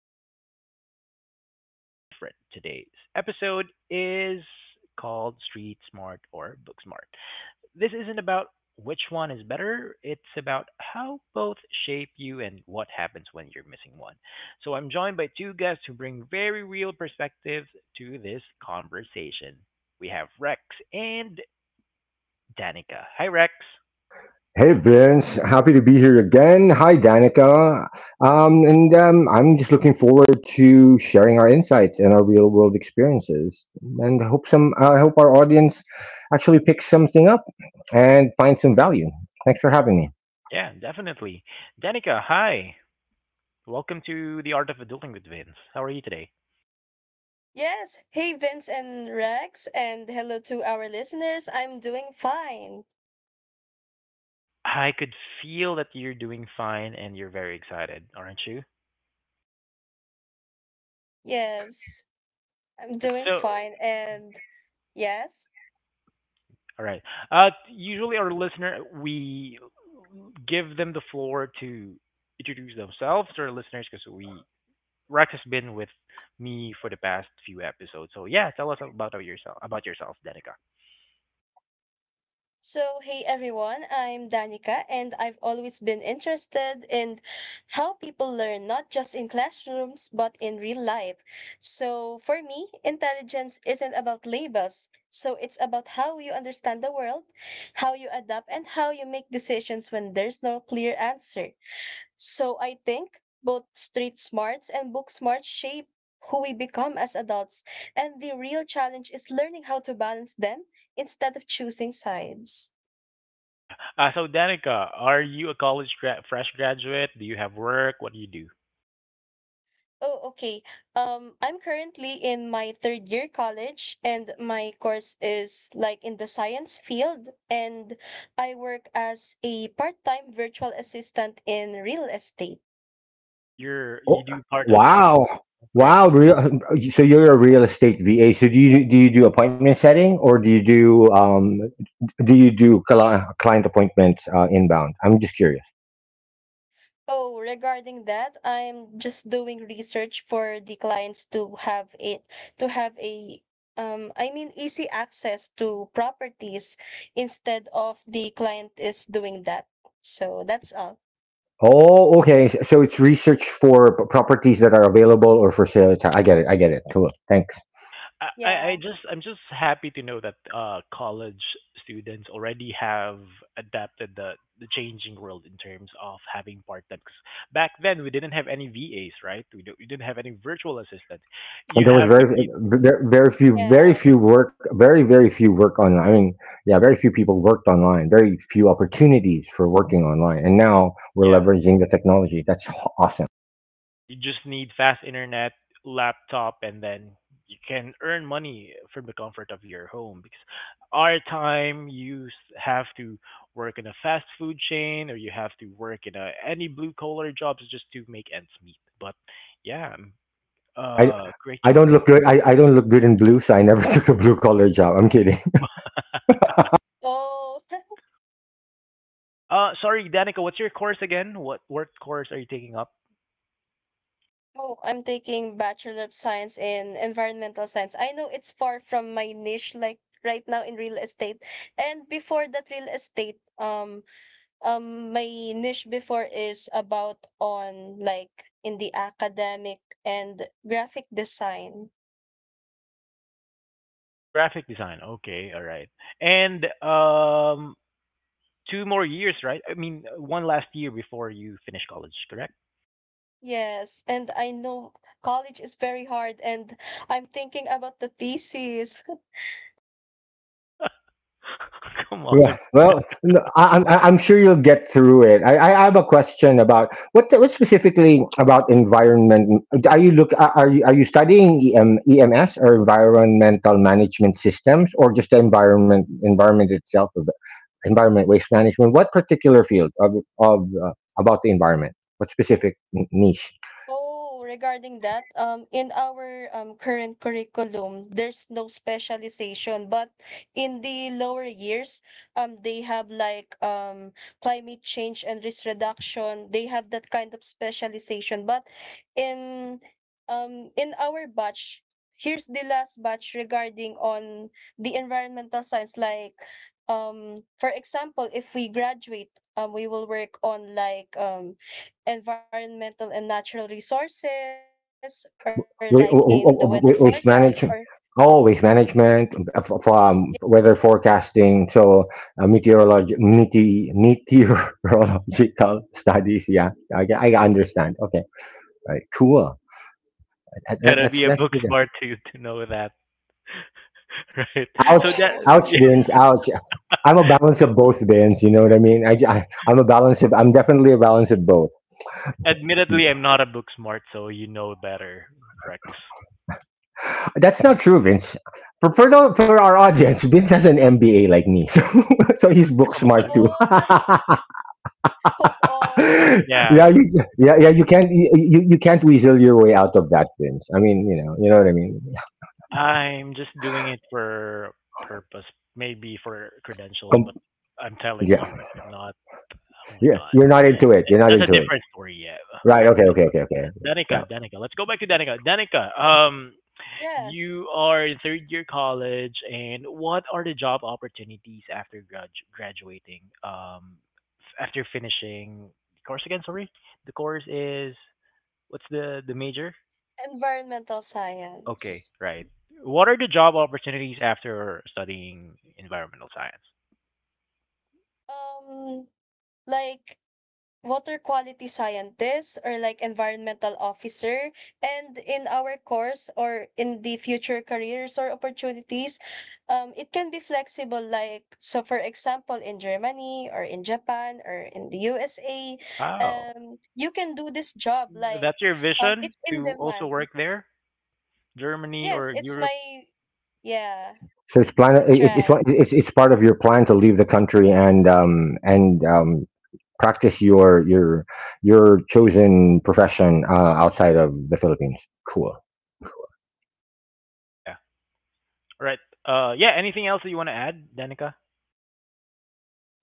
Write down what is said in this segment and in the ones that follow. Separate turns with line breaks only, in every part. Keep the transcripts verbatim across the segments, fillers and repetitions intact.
way of proving something different. Today's episode is called Street Smart or Book Smart. This isn't about which one is better, it's about how both shape you and what happens when you're missing one. So I'm joined by two guests who bring very real perspectives to this conversation. We have Rex and Danica. Hi, Rex.
Hey Vince, happy to be here again. Hi Danica. Um, and um, I'm just looking forward to sharing our insights and our real world experiences. And I hope some I hope our audience actually picks something up and finds some value. Thanks for having me.
Yeah, definitely. Danica, hi. Welcome to the Art of Adulting with Vince. How are you today?
Yes. Hey, Vince and Rex, and hello to our listeners. I'm doing fine.
I could feel that you're doing fine and you're very excited, aren't you?
Yes,
All
I'm
right,
doing
so
fine. And yes.
all right. Uh, usually our listener, we give them the floor to introduce themselves to our listeners because we Rex has been with me for the past few episodes. So yeah, tell us about yourself, about yourself, Danica.
So, hey, everyone, I'm Danica, and I've always been interested in how people learn, not just in classrooms, but in real life. So, for me, intelligence isn't about labels. So, it's about how you understand the world, how you adapt, and how you make decisions when there's no clear answer. So I think both street smarts and book smarts shape who we become as adults, and the real challenge is learning how to balance them instead of choosing sides.
Yeah. Uh, so Danica, are you a college gra- fresh graduate? Do you have work? What do you do?
Oh, okay. Um, I'm currently in my third year college, and my course is like in the science field, and I work as a part time virtual assistant in real estate.
You're
Oh,
you do part-time job.
wow.
Great.
Wow, real, so you're a real estate V A. So do you do you do appointment setting or do you do um, do you do cli- client appointments uh, inbound? I'm just curious.
Oh, regarding that, I'm just doing research for the clients to have it to have a um I mean easy access to properties instead of the client is doing that. So that's all.
Oh, okay. S- So it's research for p- properties that are available or for sale. It's- I get it. I get it. Cool. Thanks.
I, I I
Yeah.
just I'm just happy to know that uh college students already have adapted the the changing world in terms of having part-time. 'Cause back then we didn't have any V As, right? We don't, we didn't have any virtual assistants.
And
You
there was
have to
very,
be
very, very few, very
Yes.
few work, very, very few work on. I mean, yeah, very few people worked online. Very few opportunities for working online. And now we're
yeah
leveraging the technology. That's h- awesome.
yeah, you just need fast internet, laptop, and then you can earn money from the comfort of your home. Because our time, you s- have to work in a fast food chain, or you have to work in a, any blue collar jobs just to make ends meet. But yeah, um,
I,
uh, great
I
job.
don't look good. I, I don't look good in blue, so I never took a blue collar job. I'm kidding.
Oh,
Uh, sorry, Danica, what's your course again? What what course are you taking up?
oh, I'm taking Bachelor of Science in Environmental Science. I know it's far from my niche like right now in real estate. And before that real estate, um um my niche before is about on like in the academic and graphic design.
Graphic design. Okay, all right. And um, two more years, right? I mean, one last year before you finish college, correct?
Yes, and I know college is very hard, and I'm thinking about the thesis.
Come
Yeah.
on.
Well, no, I, I'm I- I'm sure you'll get through it. I, I have a question about what what specifically about environment. Are you look are are you are you studying E M, E M S, or environmental management systems, or just the environment environment itself of the- environment waste management? What particular field of of uh, about the environment? What specific n- niche?
Oh, regarding that, um, in our um, current curriculum, there's no specialization, but in the lower years, um, they have like um, climate change and risk reduction. They have that kind of specialization, but in um, in our batch, here's the last batch regarding on the environmental science. Like, um, for example, if we graduate, um, we will work on like um environmental and natural resources or like in the weather
With
forecast or
with w- Management. Oh, with
yes,
management, uh, f- from weather forecasting. So uh, meteorology, mete- meteorological studies. Yeah, I, I
yes.
understand. Okay, all right, cool. That,
You
that,
gotta
that's
be a
that's
book
good.
smart to to know that, right? So
Oh,
Ouch!
that
Ouch!
Yeah,
Vince, Ouch! I'm a balance of both, Vince. You know what I mean? I, I am a balance of. I'm definitely a balance of both.
admittedly I'm not a book smart, so you know better, Rex.
That's not true, Vince. For for, the, for our audience, Vince has an M B A like me, so so he's book
Come
smart
on.
oh,
too.
hope all.
Yeah.
yeah, you, yeah, yeah. You can't you, you you can't weasel your way out of that, Vince. I mean, you know, you know what I mean.
I'm just doing it for purpose, maybe for credentials,
Com-
but I'm telling
yeah,
you, I'm not oh my
yeah.
god.
You're not into it. You're not
That's a
into it.
different story, yeah.
Right? Okay. Okay. Okay. Okay. Yeah.
Danica, Danica. Let's go back to Danica. Danica, um,
Yes,
you are in third year college, and what are the job opportunities after gradu- graduating? Um, f- after finishing the course again, sorry, the course is what's the the major?
environmental science.
Okay, right. What are the job opportunities after studying environmental science?
Um, like water quality scientists or like environmental officer, and in our course or in the future careers or opportunities, um it can be flexible, like so for example in Germany or in Japan or in the U S A,
Wow,
um you can do this job, like
that's your
um
vision
it's in
to also
demand.
work there, Germany
Yes,
or
it's
Europe?
my, yeah,
So it's plan.
that's
It, it's
right.
one- it's it's part of your plan to leave the country and um and um practice your your your chosen profession uh, outside of the Philippines. Cool.
Yeah. All right. Uh, yeah. Anything else that you want to add, Danica?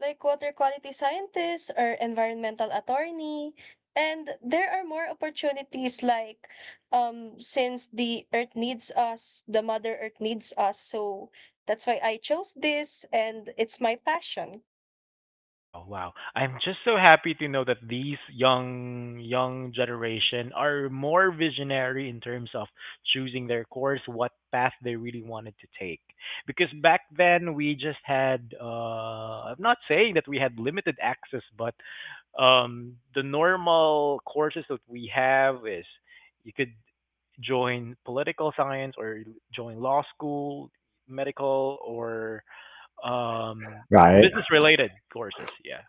Like water quality scientists or environmental attorney. And there are more opportunities like um since the earth needs us, the mother earth needs us. So that's why I chose this, and it's my passion.
Wow, wow. I'm just so happy to know that these young young generation are more visionary in terms of choosing their course, what path they really wanted to take. Because back then we just had uh I'm not saying that we had limited access, but um the normal courses that we have is you could join political science or join law school, medical or um,
Right.
business related courses, yeah.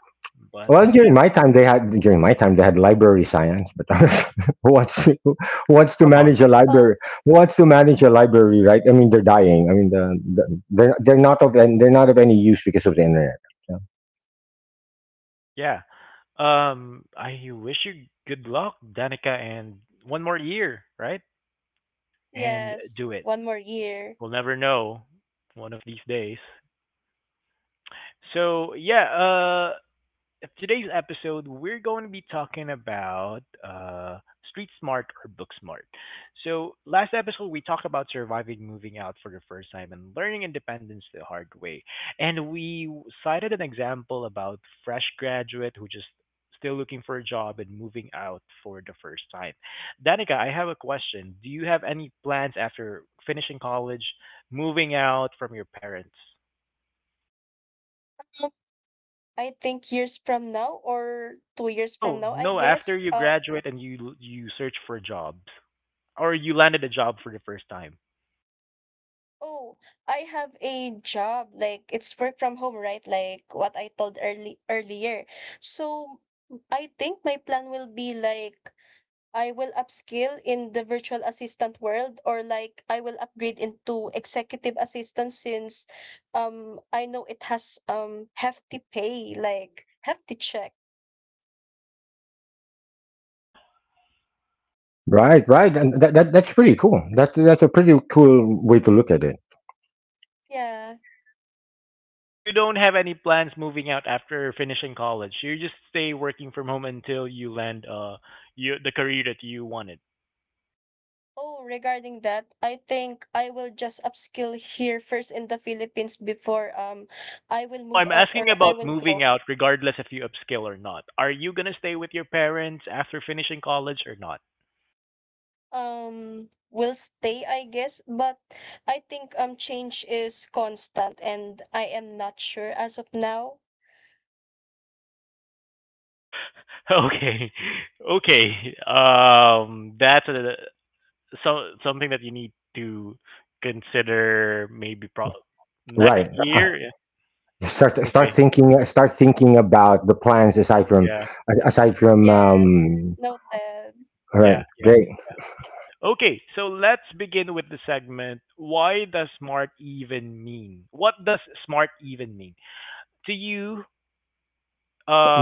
But
Well,
yeah,
during my time, they had during my time they had library science, but who wants to, who wants to
come on.
manage a
Oh,
library? Who wants to manage a library, right? I mean, they're dying. I mean, the, the, they're they're not of and they're not of any use because of the internet. Yeah.
Yeah. Um, I wish you good luck, Danica, and one more year, right? And
yes,
do it.
one more year.
We'll never know one of these days. So yeah, uh, of today's episode, we're going to be talking about uh, street smart or book smart. So, last episode, we talked about surviving moving out for the first time and learning independence the hard way. And we cited an example about fresh graduate who just still looking for a job and moving out for the first time. Danica, I have a question. Do you have any plans after finishing college, moving out from your parents?
Um, I think years from now or two years from
No,
now, I
no.
guess.
After you
Um
graduate and you you search for jobs, or you landed a job for the first time.
Oh, I have a job. Like it's work from home, right? Like what I told early earlier. So I think my plan will be like I will upskill in the virtual assistant world or like I will upgrade into executive assistant, since um I know it has um hefty pay, like hefty check.
What?
Right, right, and that, that that's pretty cool. That's that's a pretty cool way to look at it.
Yeah.
So you don't have any plans moving out after finishing college. You just stay working from home until you land uh you the career that you wanted.
Oh, regarding that, I think I will just upskill here first in the Philippines before um I will
No,
move
I'm
out
asking
or I
about
will
moving
go.
out, regardless if you upscale or not. Are you gonna stay with your parents after finishing college or not?
um will stay, I guess, but I think, um change is constant, and I am not sure as of now.
Okay, okay. Um, that's a so something that you need to consider maybe pro- next
Right. Uh,
year? Yeah.
start start
Okay.
thinking start thinking about the plans aside from
Yeah.
aside from
Yes,
um
noted.
all right.
Yeah. Yeah. Yeah.
Great.
Okay, so let's begin with the segment. Why does smart even mean? What does smart even mean? To you,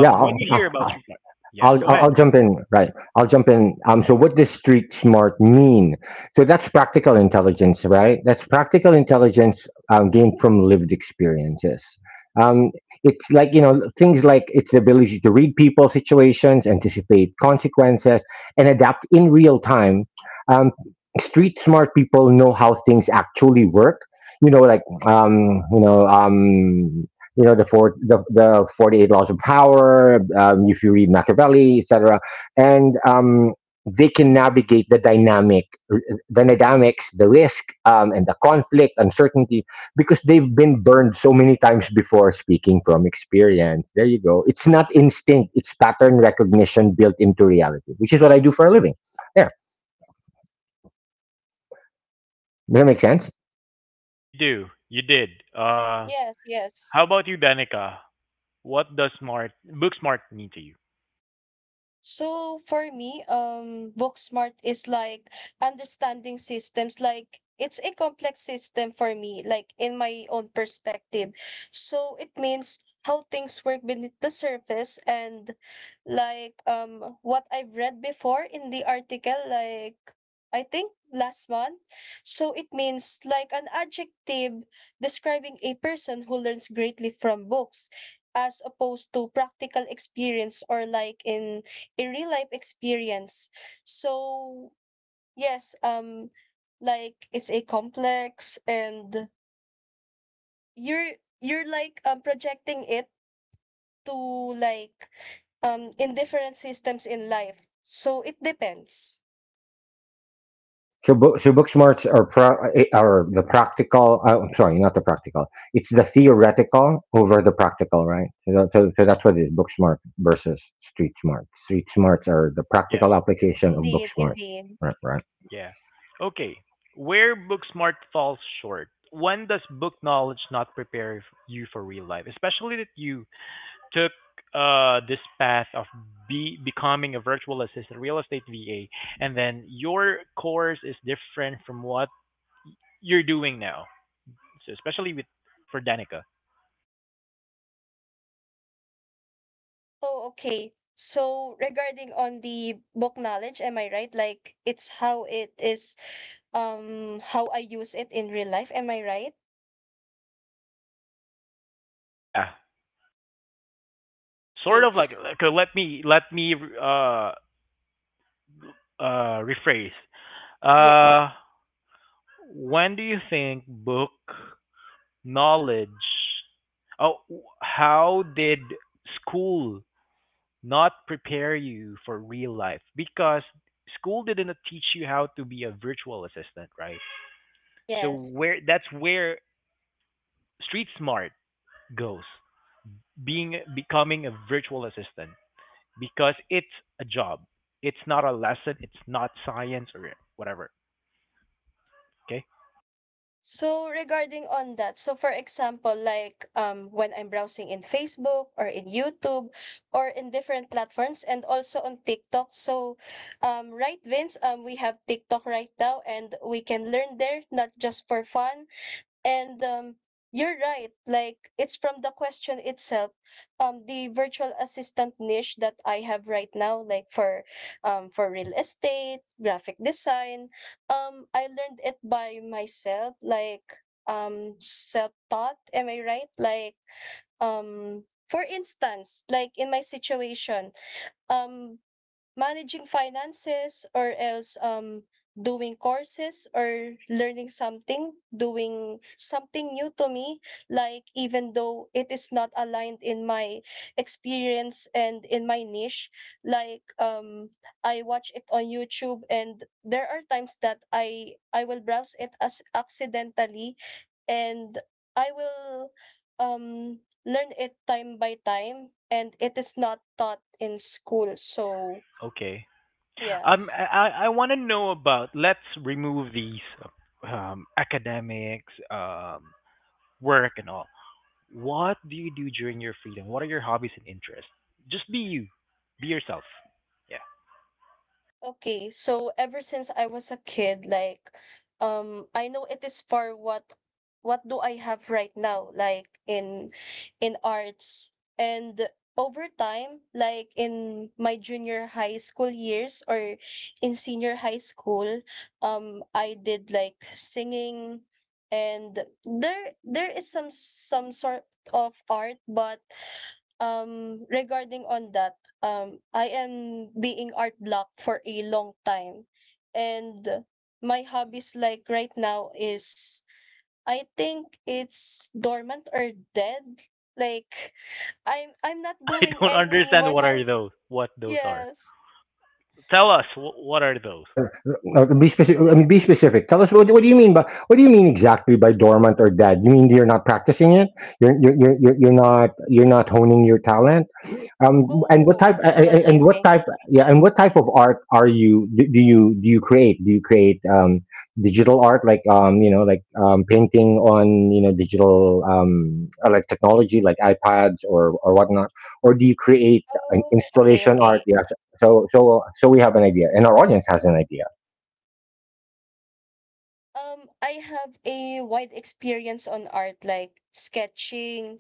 Yeah, I'll,
when you
I-
hear about
I-
street smart, yeah,
I'll,
go
I'll,
ahead.
I'll jump in. Right. I'll jump in. Um, so, what does street smart mean? So, that's practical intelligence, right? That's practical intelligence um, gained from lived experiences. Um, it's like, you know, things like its the ability to read people, situations, anticipate consequences, and adapt in real time. Um, street smart people know how things actually work. You know, like, um, you know, um, you know the four the, the forty-eight laws of power um, if you read machiavelli etc and um, they can navigate the dynamic the dynamics the risk um, and the conflict uncertainty because they've been burned so many times before speaking from experience there you go it's not instinct it's pattern recognition built into reality which is what I do for a living there does that make sense
You do. You did. Uh,
Yes. Yes.
how about you, Danica? What does smart, book smart mean to you?
So for me, um, book smart is like understanding systems. Like it's a complex system for me, like in my own perspective. So it means how things work beneath the surface, and like um what I've read before in the article, like I think last month. So it means like an adjective describing a person who learns greatly from books, as opposed to practical experience or like in a real life experience. So, yes, um like it's a complex, and you're you're like um projecting it to, like, um in different systems in life. So it depends.
So, book, so booksmarts are pro, eh, are the practical. Uh, I'm sorry, not the practical. It's the theoretical over the practical, right? So, that, so, so that's what it is: book smart versus street smart. Street smarts are the
Yeah.
practical application of book
Indeed,
smart,
indeed.
right? Right.
Yeah. Okay. Where book smart falls short. When does book knowledge not prepare f- you for real life? Especially that you took uh this path of be becoming a virtual assistant, real estate V A, and then your course is different from what you're doing now. So especially with for Danica.
Oh, okay. So regarding on the book knowledge, am I right? Like it's how it is, um how I use it in real life, am I right?
Yeah. Sort
Okay.
of like okay, let me let me uh uh rephrase.
Yeah.
Uh when do you think book knowledge. Oh, how did school not prepare you for real life? Because school didn't teach you how to be a virtual assistant, right? So
Yes.
where that's where street smart goes, being becoming a virtual assistant because it's a job. It's not a lesson, it's not science or whatever. Okay?
So regarding on that, so for example, like um when I'm browsing in Facebook or in YouTube or in different platforms and also on TikTok. So um right Vince, um we have TikTok right now, and we can learn there not just for fun. And um, you're right. Like it's from the question itself. Um, the virtual assistant niche that I have right now, like for, um, for real estate, graphic design. Um, I learned it by myself. Like um, self taught. Am I right? Like um, for instance, like in my situation, um, managing finances, or else um doing courses or learning something, doing something new to me, like even though it is not aligned in my experience and in my niche, like um I watch it on YouTube, and there are times that i i will browse it as accidentally, and I will um learn it time by time, and it is not taught in school, so
Okay. Um,
yes.
I, I want to know about let's remove these um, academics, um, work, and all. What do you do during your freedom? What are your hobbies and interests? Just be you, be yourself. Yeah,
Okay. So ever since I was a kid, like, um, I know it is for what what do I have right now, like in in arts. And over time, like in my junior high school years or in senior high school, um, I did like singing, and there there is some some sort of art, but um regarding on that, um i am being art block for a long time, and my hobbies like right now is, I think, it's dormant or dead, like i'm i'm not
I
doing
don't
any more
understand what are
has.
those. What those are?
Yes.
Tell us wh- what are those?
Right. Uh, Be specific. I mean, be specific. Tell us what, what do you mean by what do you mean exactly by dormant or dead? You mean you're not practicing it? You're you're you're, you're you're not you're not honing your talent? Um, and what type a-
Oh,
a- a- and
okay.
what
Okay.
type yeah and what type of art are you do, do you do you create do you create um digital art, like um you know, like um painting on, you know, digital, um uh, like technology like iPads, or or whatnot, or
Oh,
do you
okay.
create
Okay.
an installation art? Yeah. So so so so we have an idea and our audience has an idea.
Um i have a wide experience on art, like sketching.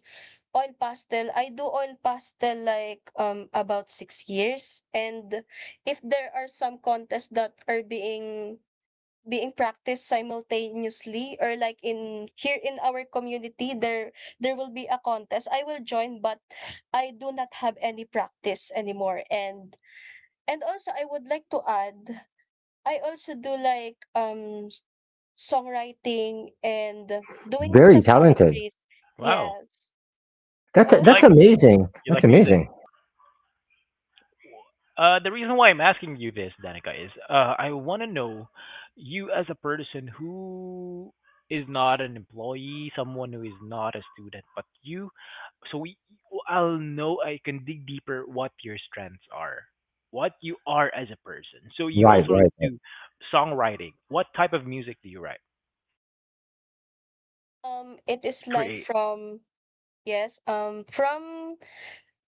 Oil pastel, I do oil pastel like um about six years. And if there are some contests that are being being practiced simultaneously, or like in here in our community, there there will be a contest I will join, but I do not have any practice anymore. And and also, I would like to add, I also do like um s- songwriting and doing
Very
some
talented.
poetries.
Wow,
Yes.
that's
Oh,
you
that's
like
amazing.
you
That's
like music.
amazing.
Uh, the reason why I'm asking you this, Danica, is uh, I want to know you as a person who is not an employee, someone who is not a student, but you. So we, I'll know I can dig deeper what your strengths are, what you are as a person. So you
Right,
also
right.
do songwriting. What type of music do you write
Um, it
or
is like
create?
from yes, um, from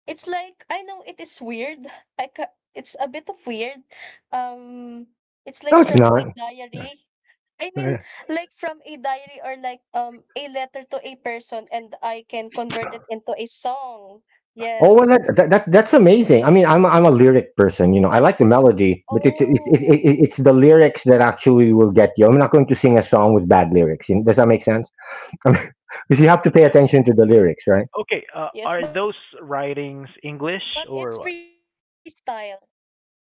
it's like I know it is weird. I ca it's a bit of weird. Um, it's like
No, it's
from a
not.
diary. I mean, like from a diary or like um a letter to a person, and I can convert it into a song.
Oh, well,
Yes,
that, that, that that's amazing. I mean, I'm a, I'm a lyric person. You know, I
but,
like the melody, but it's it's it,
oh,
it, it- it's the lyrics that actually will get you. I'm not going to sing a song with bad lyrics. You know, does that make sense? I mean, because you
Yeah.
have to pay attention to the lyrics, right?
Okay.
yes,
Uh,
but
are
it's
those
freestyle.
writings English or what?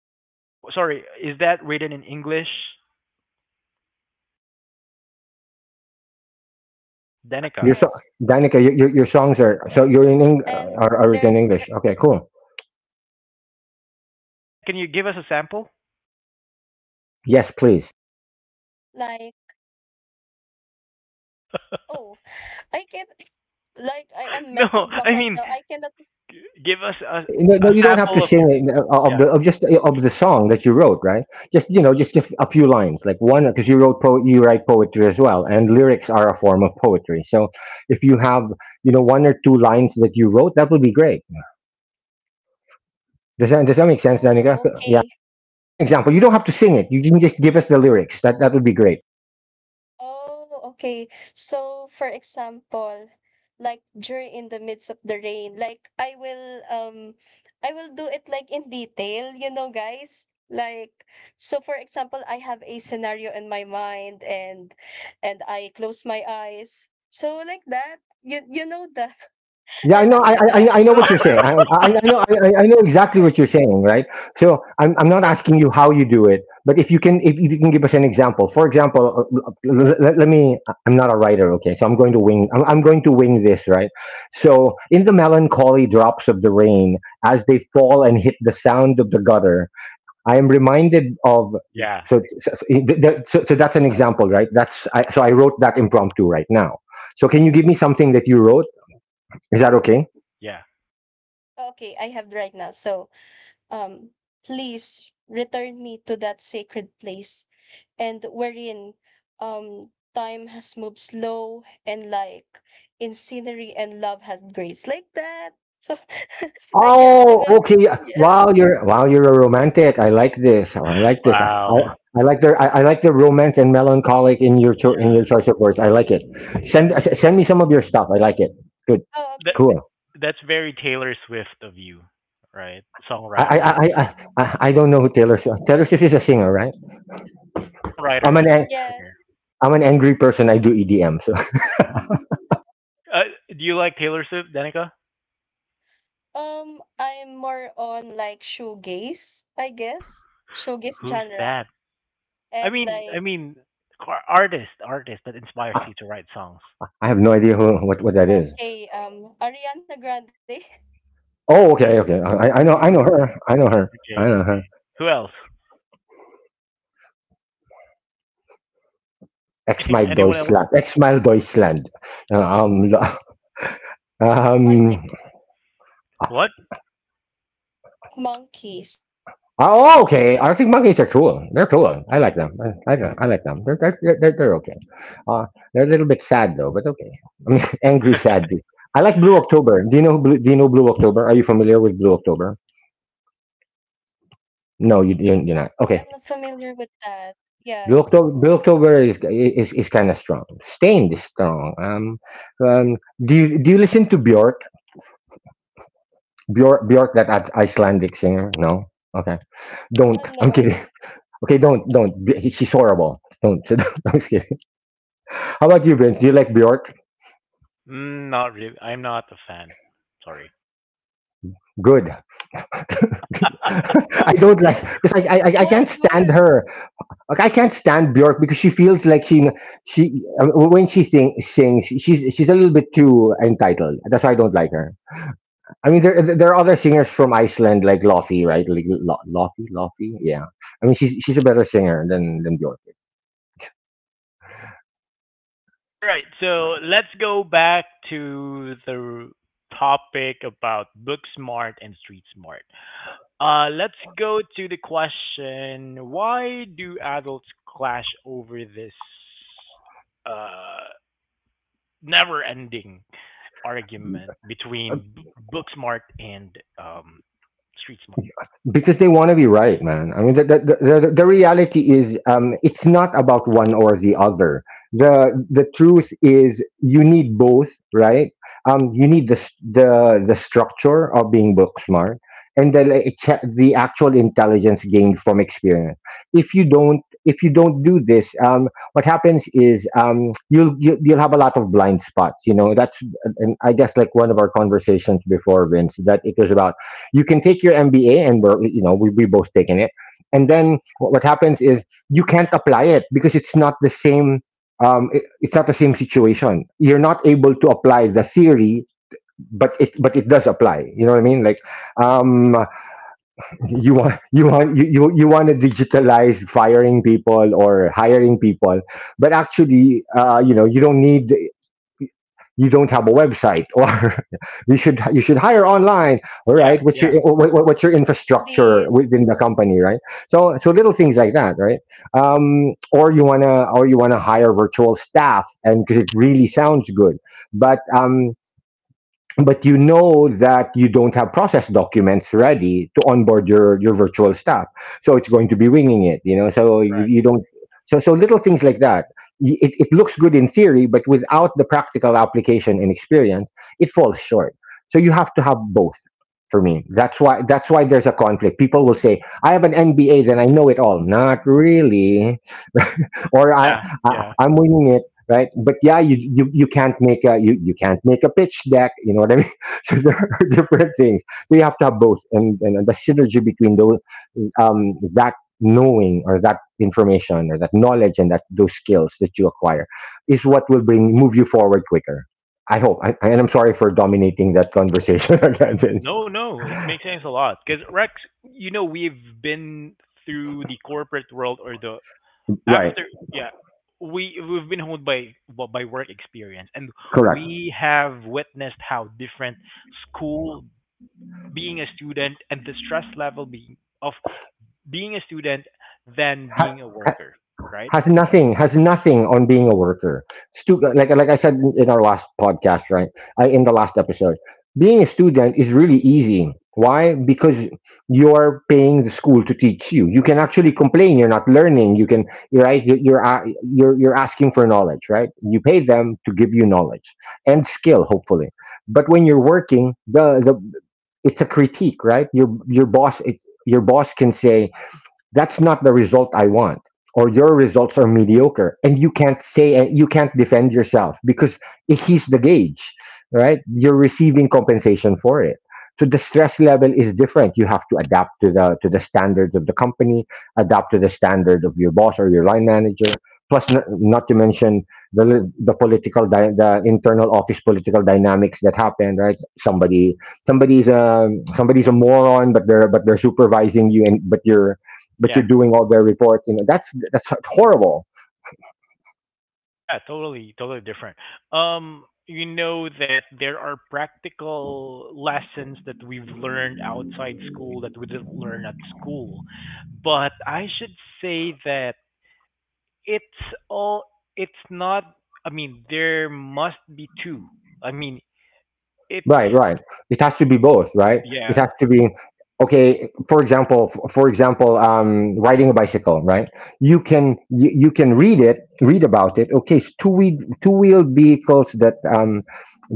Um, yes,
W-
English,
Sorry,
and
is
in
that
my
written in
native.
English,
Yes, and there are times that, if I compose something,
Your
Danica?
so-
it
Danica,
can
your, your your songs are, so you're in Eng- are, are written in English. Okay, cool.
Yeah, can you give us a sample?
Yes, please.
like, oh, I can't. Like, I am mental
No,
block right
I
now.
mean,
I cannot.
g- give us
Oh,
a
you, no, no,
a
you don't have to
sample of
sing
your
it, uh, of
yeah
the of just uh, of the song that you wrote, right? Just, you know, just, just a few lines, like one, because you wrote po- you write poetry as well, and lyrics are a form of poetry. So if you have, you know, one or two lines that you wrote, that would be great. Does that does that make
Oh,
sense,
okay.
Danica? Yeah, as an example. You don't have to sing it. You can just give us the lyrics. That that would be great.
Oh, okay. So, for example, like during in the midst of the rain, like I will um I will do it like in detail, you know, guys. Like so for example, I have a scenario in my mind, and and I close my eyes. So like that, you you know that.
Yeah, I
And
know.
I
I I, I
cannot.
I know what you're saying. I I, I know. I, I I know exactly what you're saying. Right. So I'm I'm not
Yeah.
asking you how you do it, but if you can if you can give us an example. For example, let, let me. I'm not a writer. Okay, so I'm going to wing. I'm, I'm going to wing this. Right. So in the melancholy drops of the rain, as they fall and hit the sound of the gutter, I am reminded of.
yeah
So, so, so, so so that's an example, right? That's I, so I wrote that impromptu right now. So can you give me something that you wrote? Is that okay?
yeah.
Okay, I have right now. So um, please return me to that sacred place and wherein um time has moved slow, and like in scenery, and love has grace like that, so I can
Oh,
remember.
okay.
Yes.
Wow, you're wow, you're a romantic. I like this. Oh, I like this. I,
Wow,
I like the I, I like the romance and melancholic in your cho- in
yeah.
your choice of words. I like it. Send s- send me some of your stuff. I like it. Good,
Oh,
That
okay.
cool.
that's very Taylor Swift of you, right?
I I
Songwriter,
I I, I I- I don't know who Taylor Swift. Taylor Swift is a singer, right? I'm
Songwriter
an
and
an-
Yes.
singer.
I'm an angry person. I do E D M, so
Uh, do you like Taylor Swift, Danica?
Um i'm more on like shoegaze, I guess. Shoegaze
Who's
genre.
that? I
And
mean, I
like,
mean, car- artist, artist that inspires
I,
you to write songs.
I have no idea who what what that is.
okay. um Ariana Grande.
Oh, okay, okay. I I know I know
Mm,
her. I know her. I
okay.
know her.
Who else?
Arctic Monkeys,
Ex
Anything?
my
The
Anyone else?
Deutschland. Ex my
nineteen seventy-five,
Deutschland. Um,
and Green Day.
um.
What?
Oh, oh, okay. Arctic monkeys are cool. They're cool. I like them. I, I, I like them. They're, they're, they're, they're they're okay. Uh, they're a little bit sad though, but okay. I mean, angry sad. I like Blue October. Do you know Blue, do you know Blue October? Are you familiar with Blue October?
Oh, I'm not
No, you you're,
familiar
you're
with
not. Okay.
that. Yes.
Blue October, Blue October is is, is kind of strong. Stained is strong. Um, um, do you do you listen to Bjork? Bjork, Bjork, that Ic- Icelandic singer. No. Okay. Don't. I'm kidding.
Hello.
Okay. Don't. Don't. B- She's horrible. Don't. I'm just kidding. How about you, Vince? Do you like Bjork?
Mm, not really. I'm not a fan. Sorry.
Good. I don't
Yeah.
like, because I, I I
Why
can't stand
good?
her. Like I can't stand Bjork because she feels like she she uh, when she sing, sings she's she's a little bit too entitled. That's why I don't like her. I mean there there are other singers from Iceland like Lofi, right? Like Lo- Lofi, Lofi, yeah. I mean she's she's a better singer than than Bjork.
All right, so let's go back to the topic about book smart and street smart. Uh, let's go to the question: Why do adults clash over this uh, never-ending argument between b- book smart and um, street smart?
Because they want to be right, man. I mean, the, the, the, the reality is um, it's not about one or the other. The the truth is you need both, right? Um, you need the, s- the the structure of being book smart, and the like, it's- the actual intelligence gained from experience. If you don't if you don't do this, um, what happens is, um, you'll, you'll you'll have a lot of blind spots, you know that's— and I guess like one of our conversations before, Vince, that it was about, you can take your M B A, and we're, you know, we we both taken it, and
Yeah,
then what, what happens is, you can't apply it because it's not the same. Um, it, it's not the same situation. You're not able to apply the theory, but it but it does apply. You know what I mean? Like, um, you want you want you you, you want to digitalize firing people or hiring people, but actually, uh, you know, you don't need you don't have a website, or you should you should hire online. All right,
yeah,
what's your
yeah,
what, what- what's your infrastructure
Indeed.
within the company, right? So so little things like that, right? Um, or you want to or you want to hire virtual staff, and because it really sounds good, but um, but you know that you don't have process documents ready to onboard your your virtual staff. So it's going to be winging it, you know, so you,
right.
you don't— so so little things like that. Y- it, it looks good in theory, but without the practical application and experience, it falls short. So you have to have both. For me, that's why— that's why there's a conflict. People will say, I have an M B A, then I know it all. Not really. Or I,
Yeah,
I
yeah.
I'm winging it, right? But yeah, you you, you can't make a— you, you can't make a pitch deck. You know what I mean? So there are different things. So you have to have both, and and the synergy between those, um that knowing, or that information, or that knowledge, and that those skills that you acquire is what will bring move you forward quicker. I hope. I, and I'm sorry for dominating that conversation again, Vince.
No, no, it makes sense a lot. Because Rex, you know, we've been through the corporate world or the
Right,
after, yeah, we we've been honed by well, by work experience, and
correct.
we have witnessed how different school, being a student, and the stress level being of being a student than
Ha-
being a worker, right?
has nothing— has nothing on being a worker. Stu- like like I said in- our last podcast, right? I, in the last episode, being a student is really easy. Why? Because you're paying the school to teach you. You can actually complain you're not learning. You can— you're right. you- You're a— you're— you're asking for knowledge, right? You pay them to give you knowledge and skill, hopefully. But when you're working, the the it's a critique, right? Your your boss— it, your boss can say, that's not the result I want, or your results are mediocre, and you can't say— you can't defend yourself because he's the gauge, right? You're receiving compensation for it. So the stress level is different. You have to adapt to the to the standards of the company, adapt to the standard of your boss or your line manager, plus not, not to mention the the political dy- the internal office political dynamics that happen, right? somebody somebody's a Somebody's a moron, but they're but they're supervising you, and but you're but you're
Yeah.
doing all their reports. You know, that's that's horrible.
Yeah, totally, totally different. Um, you know that there are practical lessons that we've learned outside school that we didn't learn at school. But I should say that it's all it's not I mean, there must be two. I mean, it's
Right, right. It has to be both, right? It
yeah,
has to be Okay, for example— f- for example, um, riding a bicycle, right? You can— you, you can read it, read about it. Okay, it's two wheel— two wheeled vehicles that um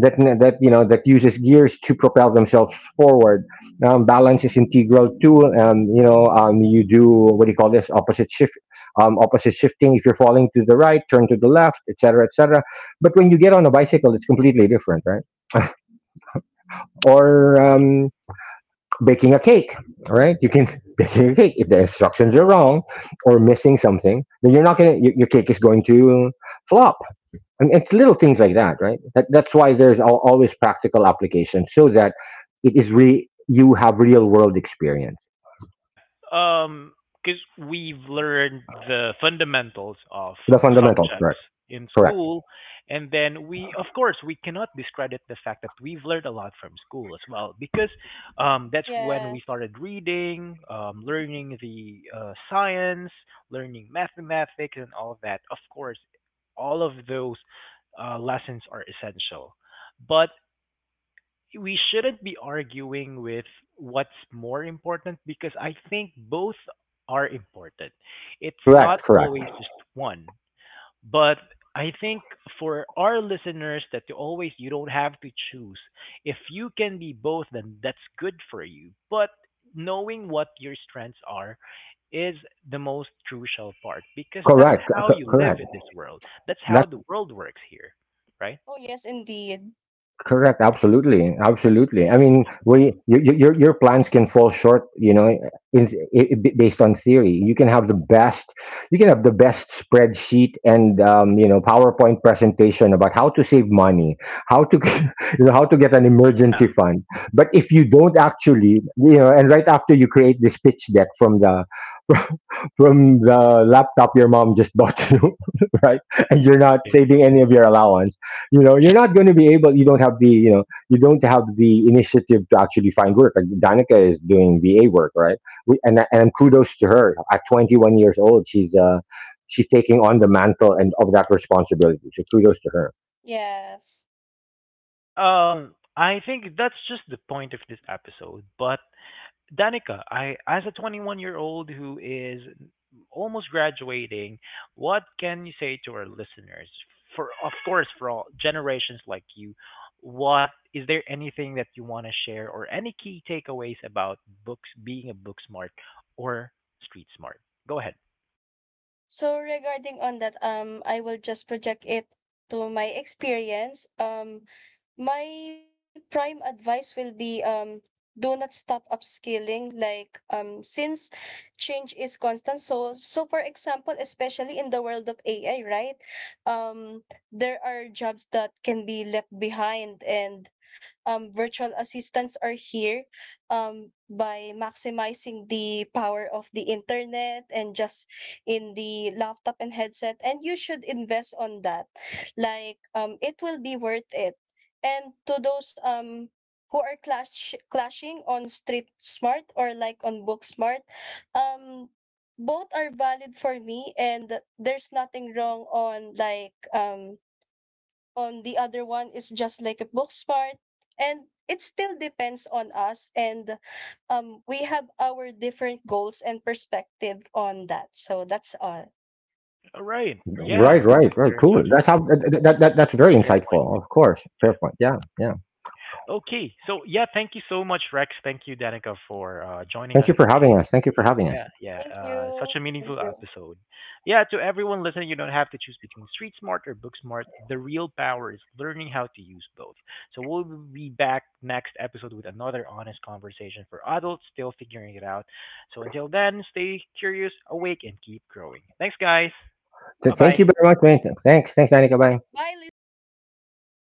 that n- that, you know, that uses gears to propel themselves forward. Um, balance is integral too. Um, you know, um, you do— what do you call this? Opposite shift, um, opposite shifting. If you're falling to the right, turn to the left, et cetera, et cetera. But when you get on a bicycle, it's completely different, right? Or
right.
um, baking a cake. All right, you can baking a cake— if the instructions are wrong or missing something, then you're not gonna— your, your cake is going to flop. And it's little things like that, right? That, that's why there's al- always practical application, so that it is re— you have real world experience.
Yeah, um, because 'cause we've learned the fundamentals of
The fundamentals,
subjects
correct
in
correct.
school, and then we, of course, we cannot discredit the fact that we've learned a lot from school as well, because um, that's when we
Yes.
started reading, um, learning the uh, science, learning mathematics, and all of that. Of course, all of those uh, lessons are essential. But we shouldn't be arguing with what's more important because I think both are important. It's not
Correct Correct.
always just one. But I think for our listeners that you always you don't have to choose. If you can be both then that's good for you. But knowing what your strengths are is the most crucial part because that's
Correct c-
how
c-
you live
correct.
in this world. That's how the world works here, right?
Oh, yes, indeed.
Correct. Absolutely. Absolutely. I mean, we your your your your plans can fall short. You know, in, I based on theory, you can have the best— you can have the best spreadsheet and, um, you know, PowerPoint presentation about how to save money, how to you know, how to get an
Yeah,
emergency fund. But if you don't actually, you know, and right after you create this pitch deck from the from the laptop your mom just bought you, right, and you're not
right.
saving any of your allowance, you know, you're not going to be able— you don't have the, you know, you don't have the initiative to actually find work like Danica is doing V A work, right? we, and and kudos to her. At twenty-one years old, she's uh she's taking on the mantle and of that responsibility, so kudos to her.
Yes.
Yeah, um, I think that's just the point of this episode. But Danica, I as a twenty-one-year-old who is almost graduating, what can you say to our listeners? For of course, for all generations like you, what is there anything that you want to share or any key takeaways about books being a book smart or street smart? Go ahead.
So regarding on that, um, I will just project it to my experience. Um, my prime advice will be, um, do not stop upskilling. Like, um, since change is constant, so so for example, especially in the world of A I, right? Um, there are jobs that can be left behind, and um, virtual assistants are here, um, by maximizing the power of the internet, and just in the laptop and headset, and you should invest on that, like um it will be worth it. And to those um who are clash clashing on street smart or like on book smart, um both are valid for me, and there's nothing wrong on, like, um on the other one is just like a book smart. And it still depends on us, and um we have our different goals and perspective on that. So that's all.
All right. Yeah.
Right, right, right.
Very
Cool. That's
insightful.
how— that, that, that that's very
Fair point.
insightful. Of course. Fair
Yeah.
point. Yeah, yeah.
Okay. So yeah, thank you so much, Rex. Thank you, Danica, for uh, joining
Thank
us
you for having
today.
us. Thank you for having us.
Yeah, yeah.
Thank
Uh, such
you.
a
Thank
meaningful
you.
episode. Yeah, to everyone listening, you don't have to choose between street smart or book smart. The real power is learning how to use both. So we'll be back next episode with another honest conversation for adults still figuring it out. So until then, stay curious, awake, and keep growing. Thanks, guys.
Th-
Bye
thank you
bye.
very much, man. Thanks. Thanks, Danica. Bye.
Bye, listeners.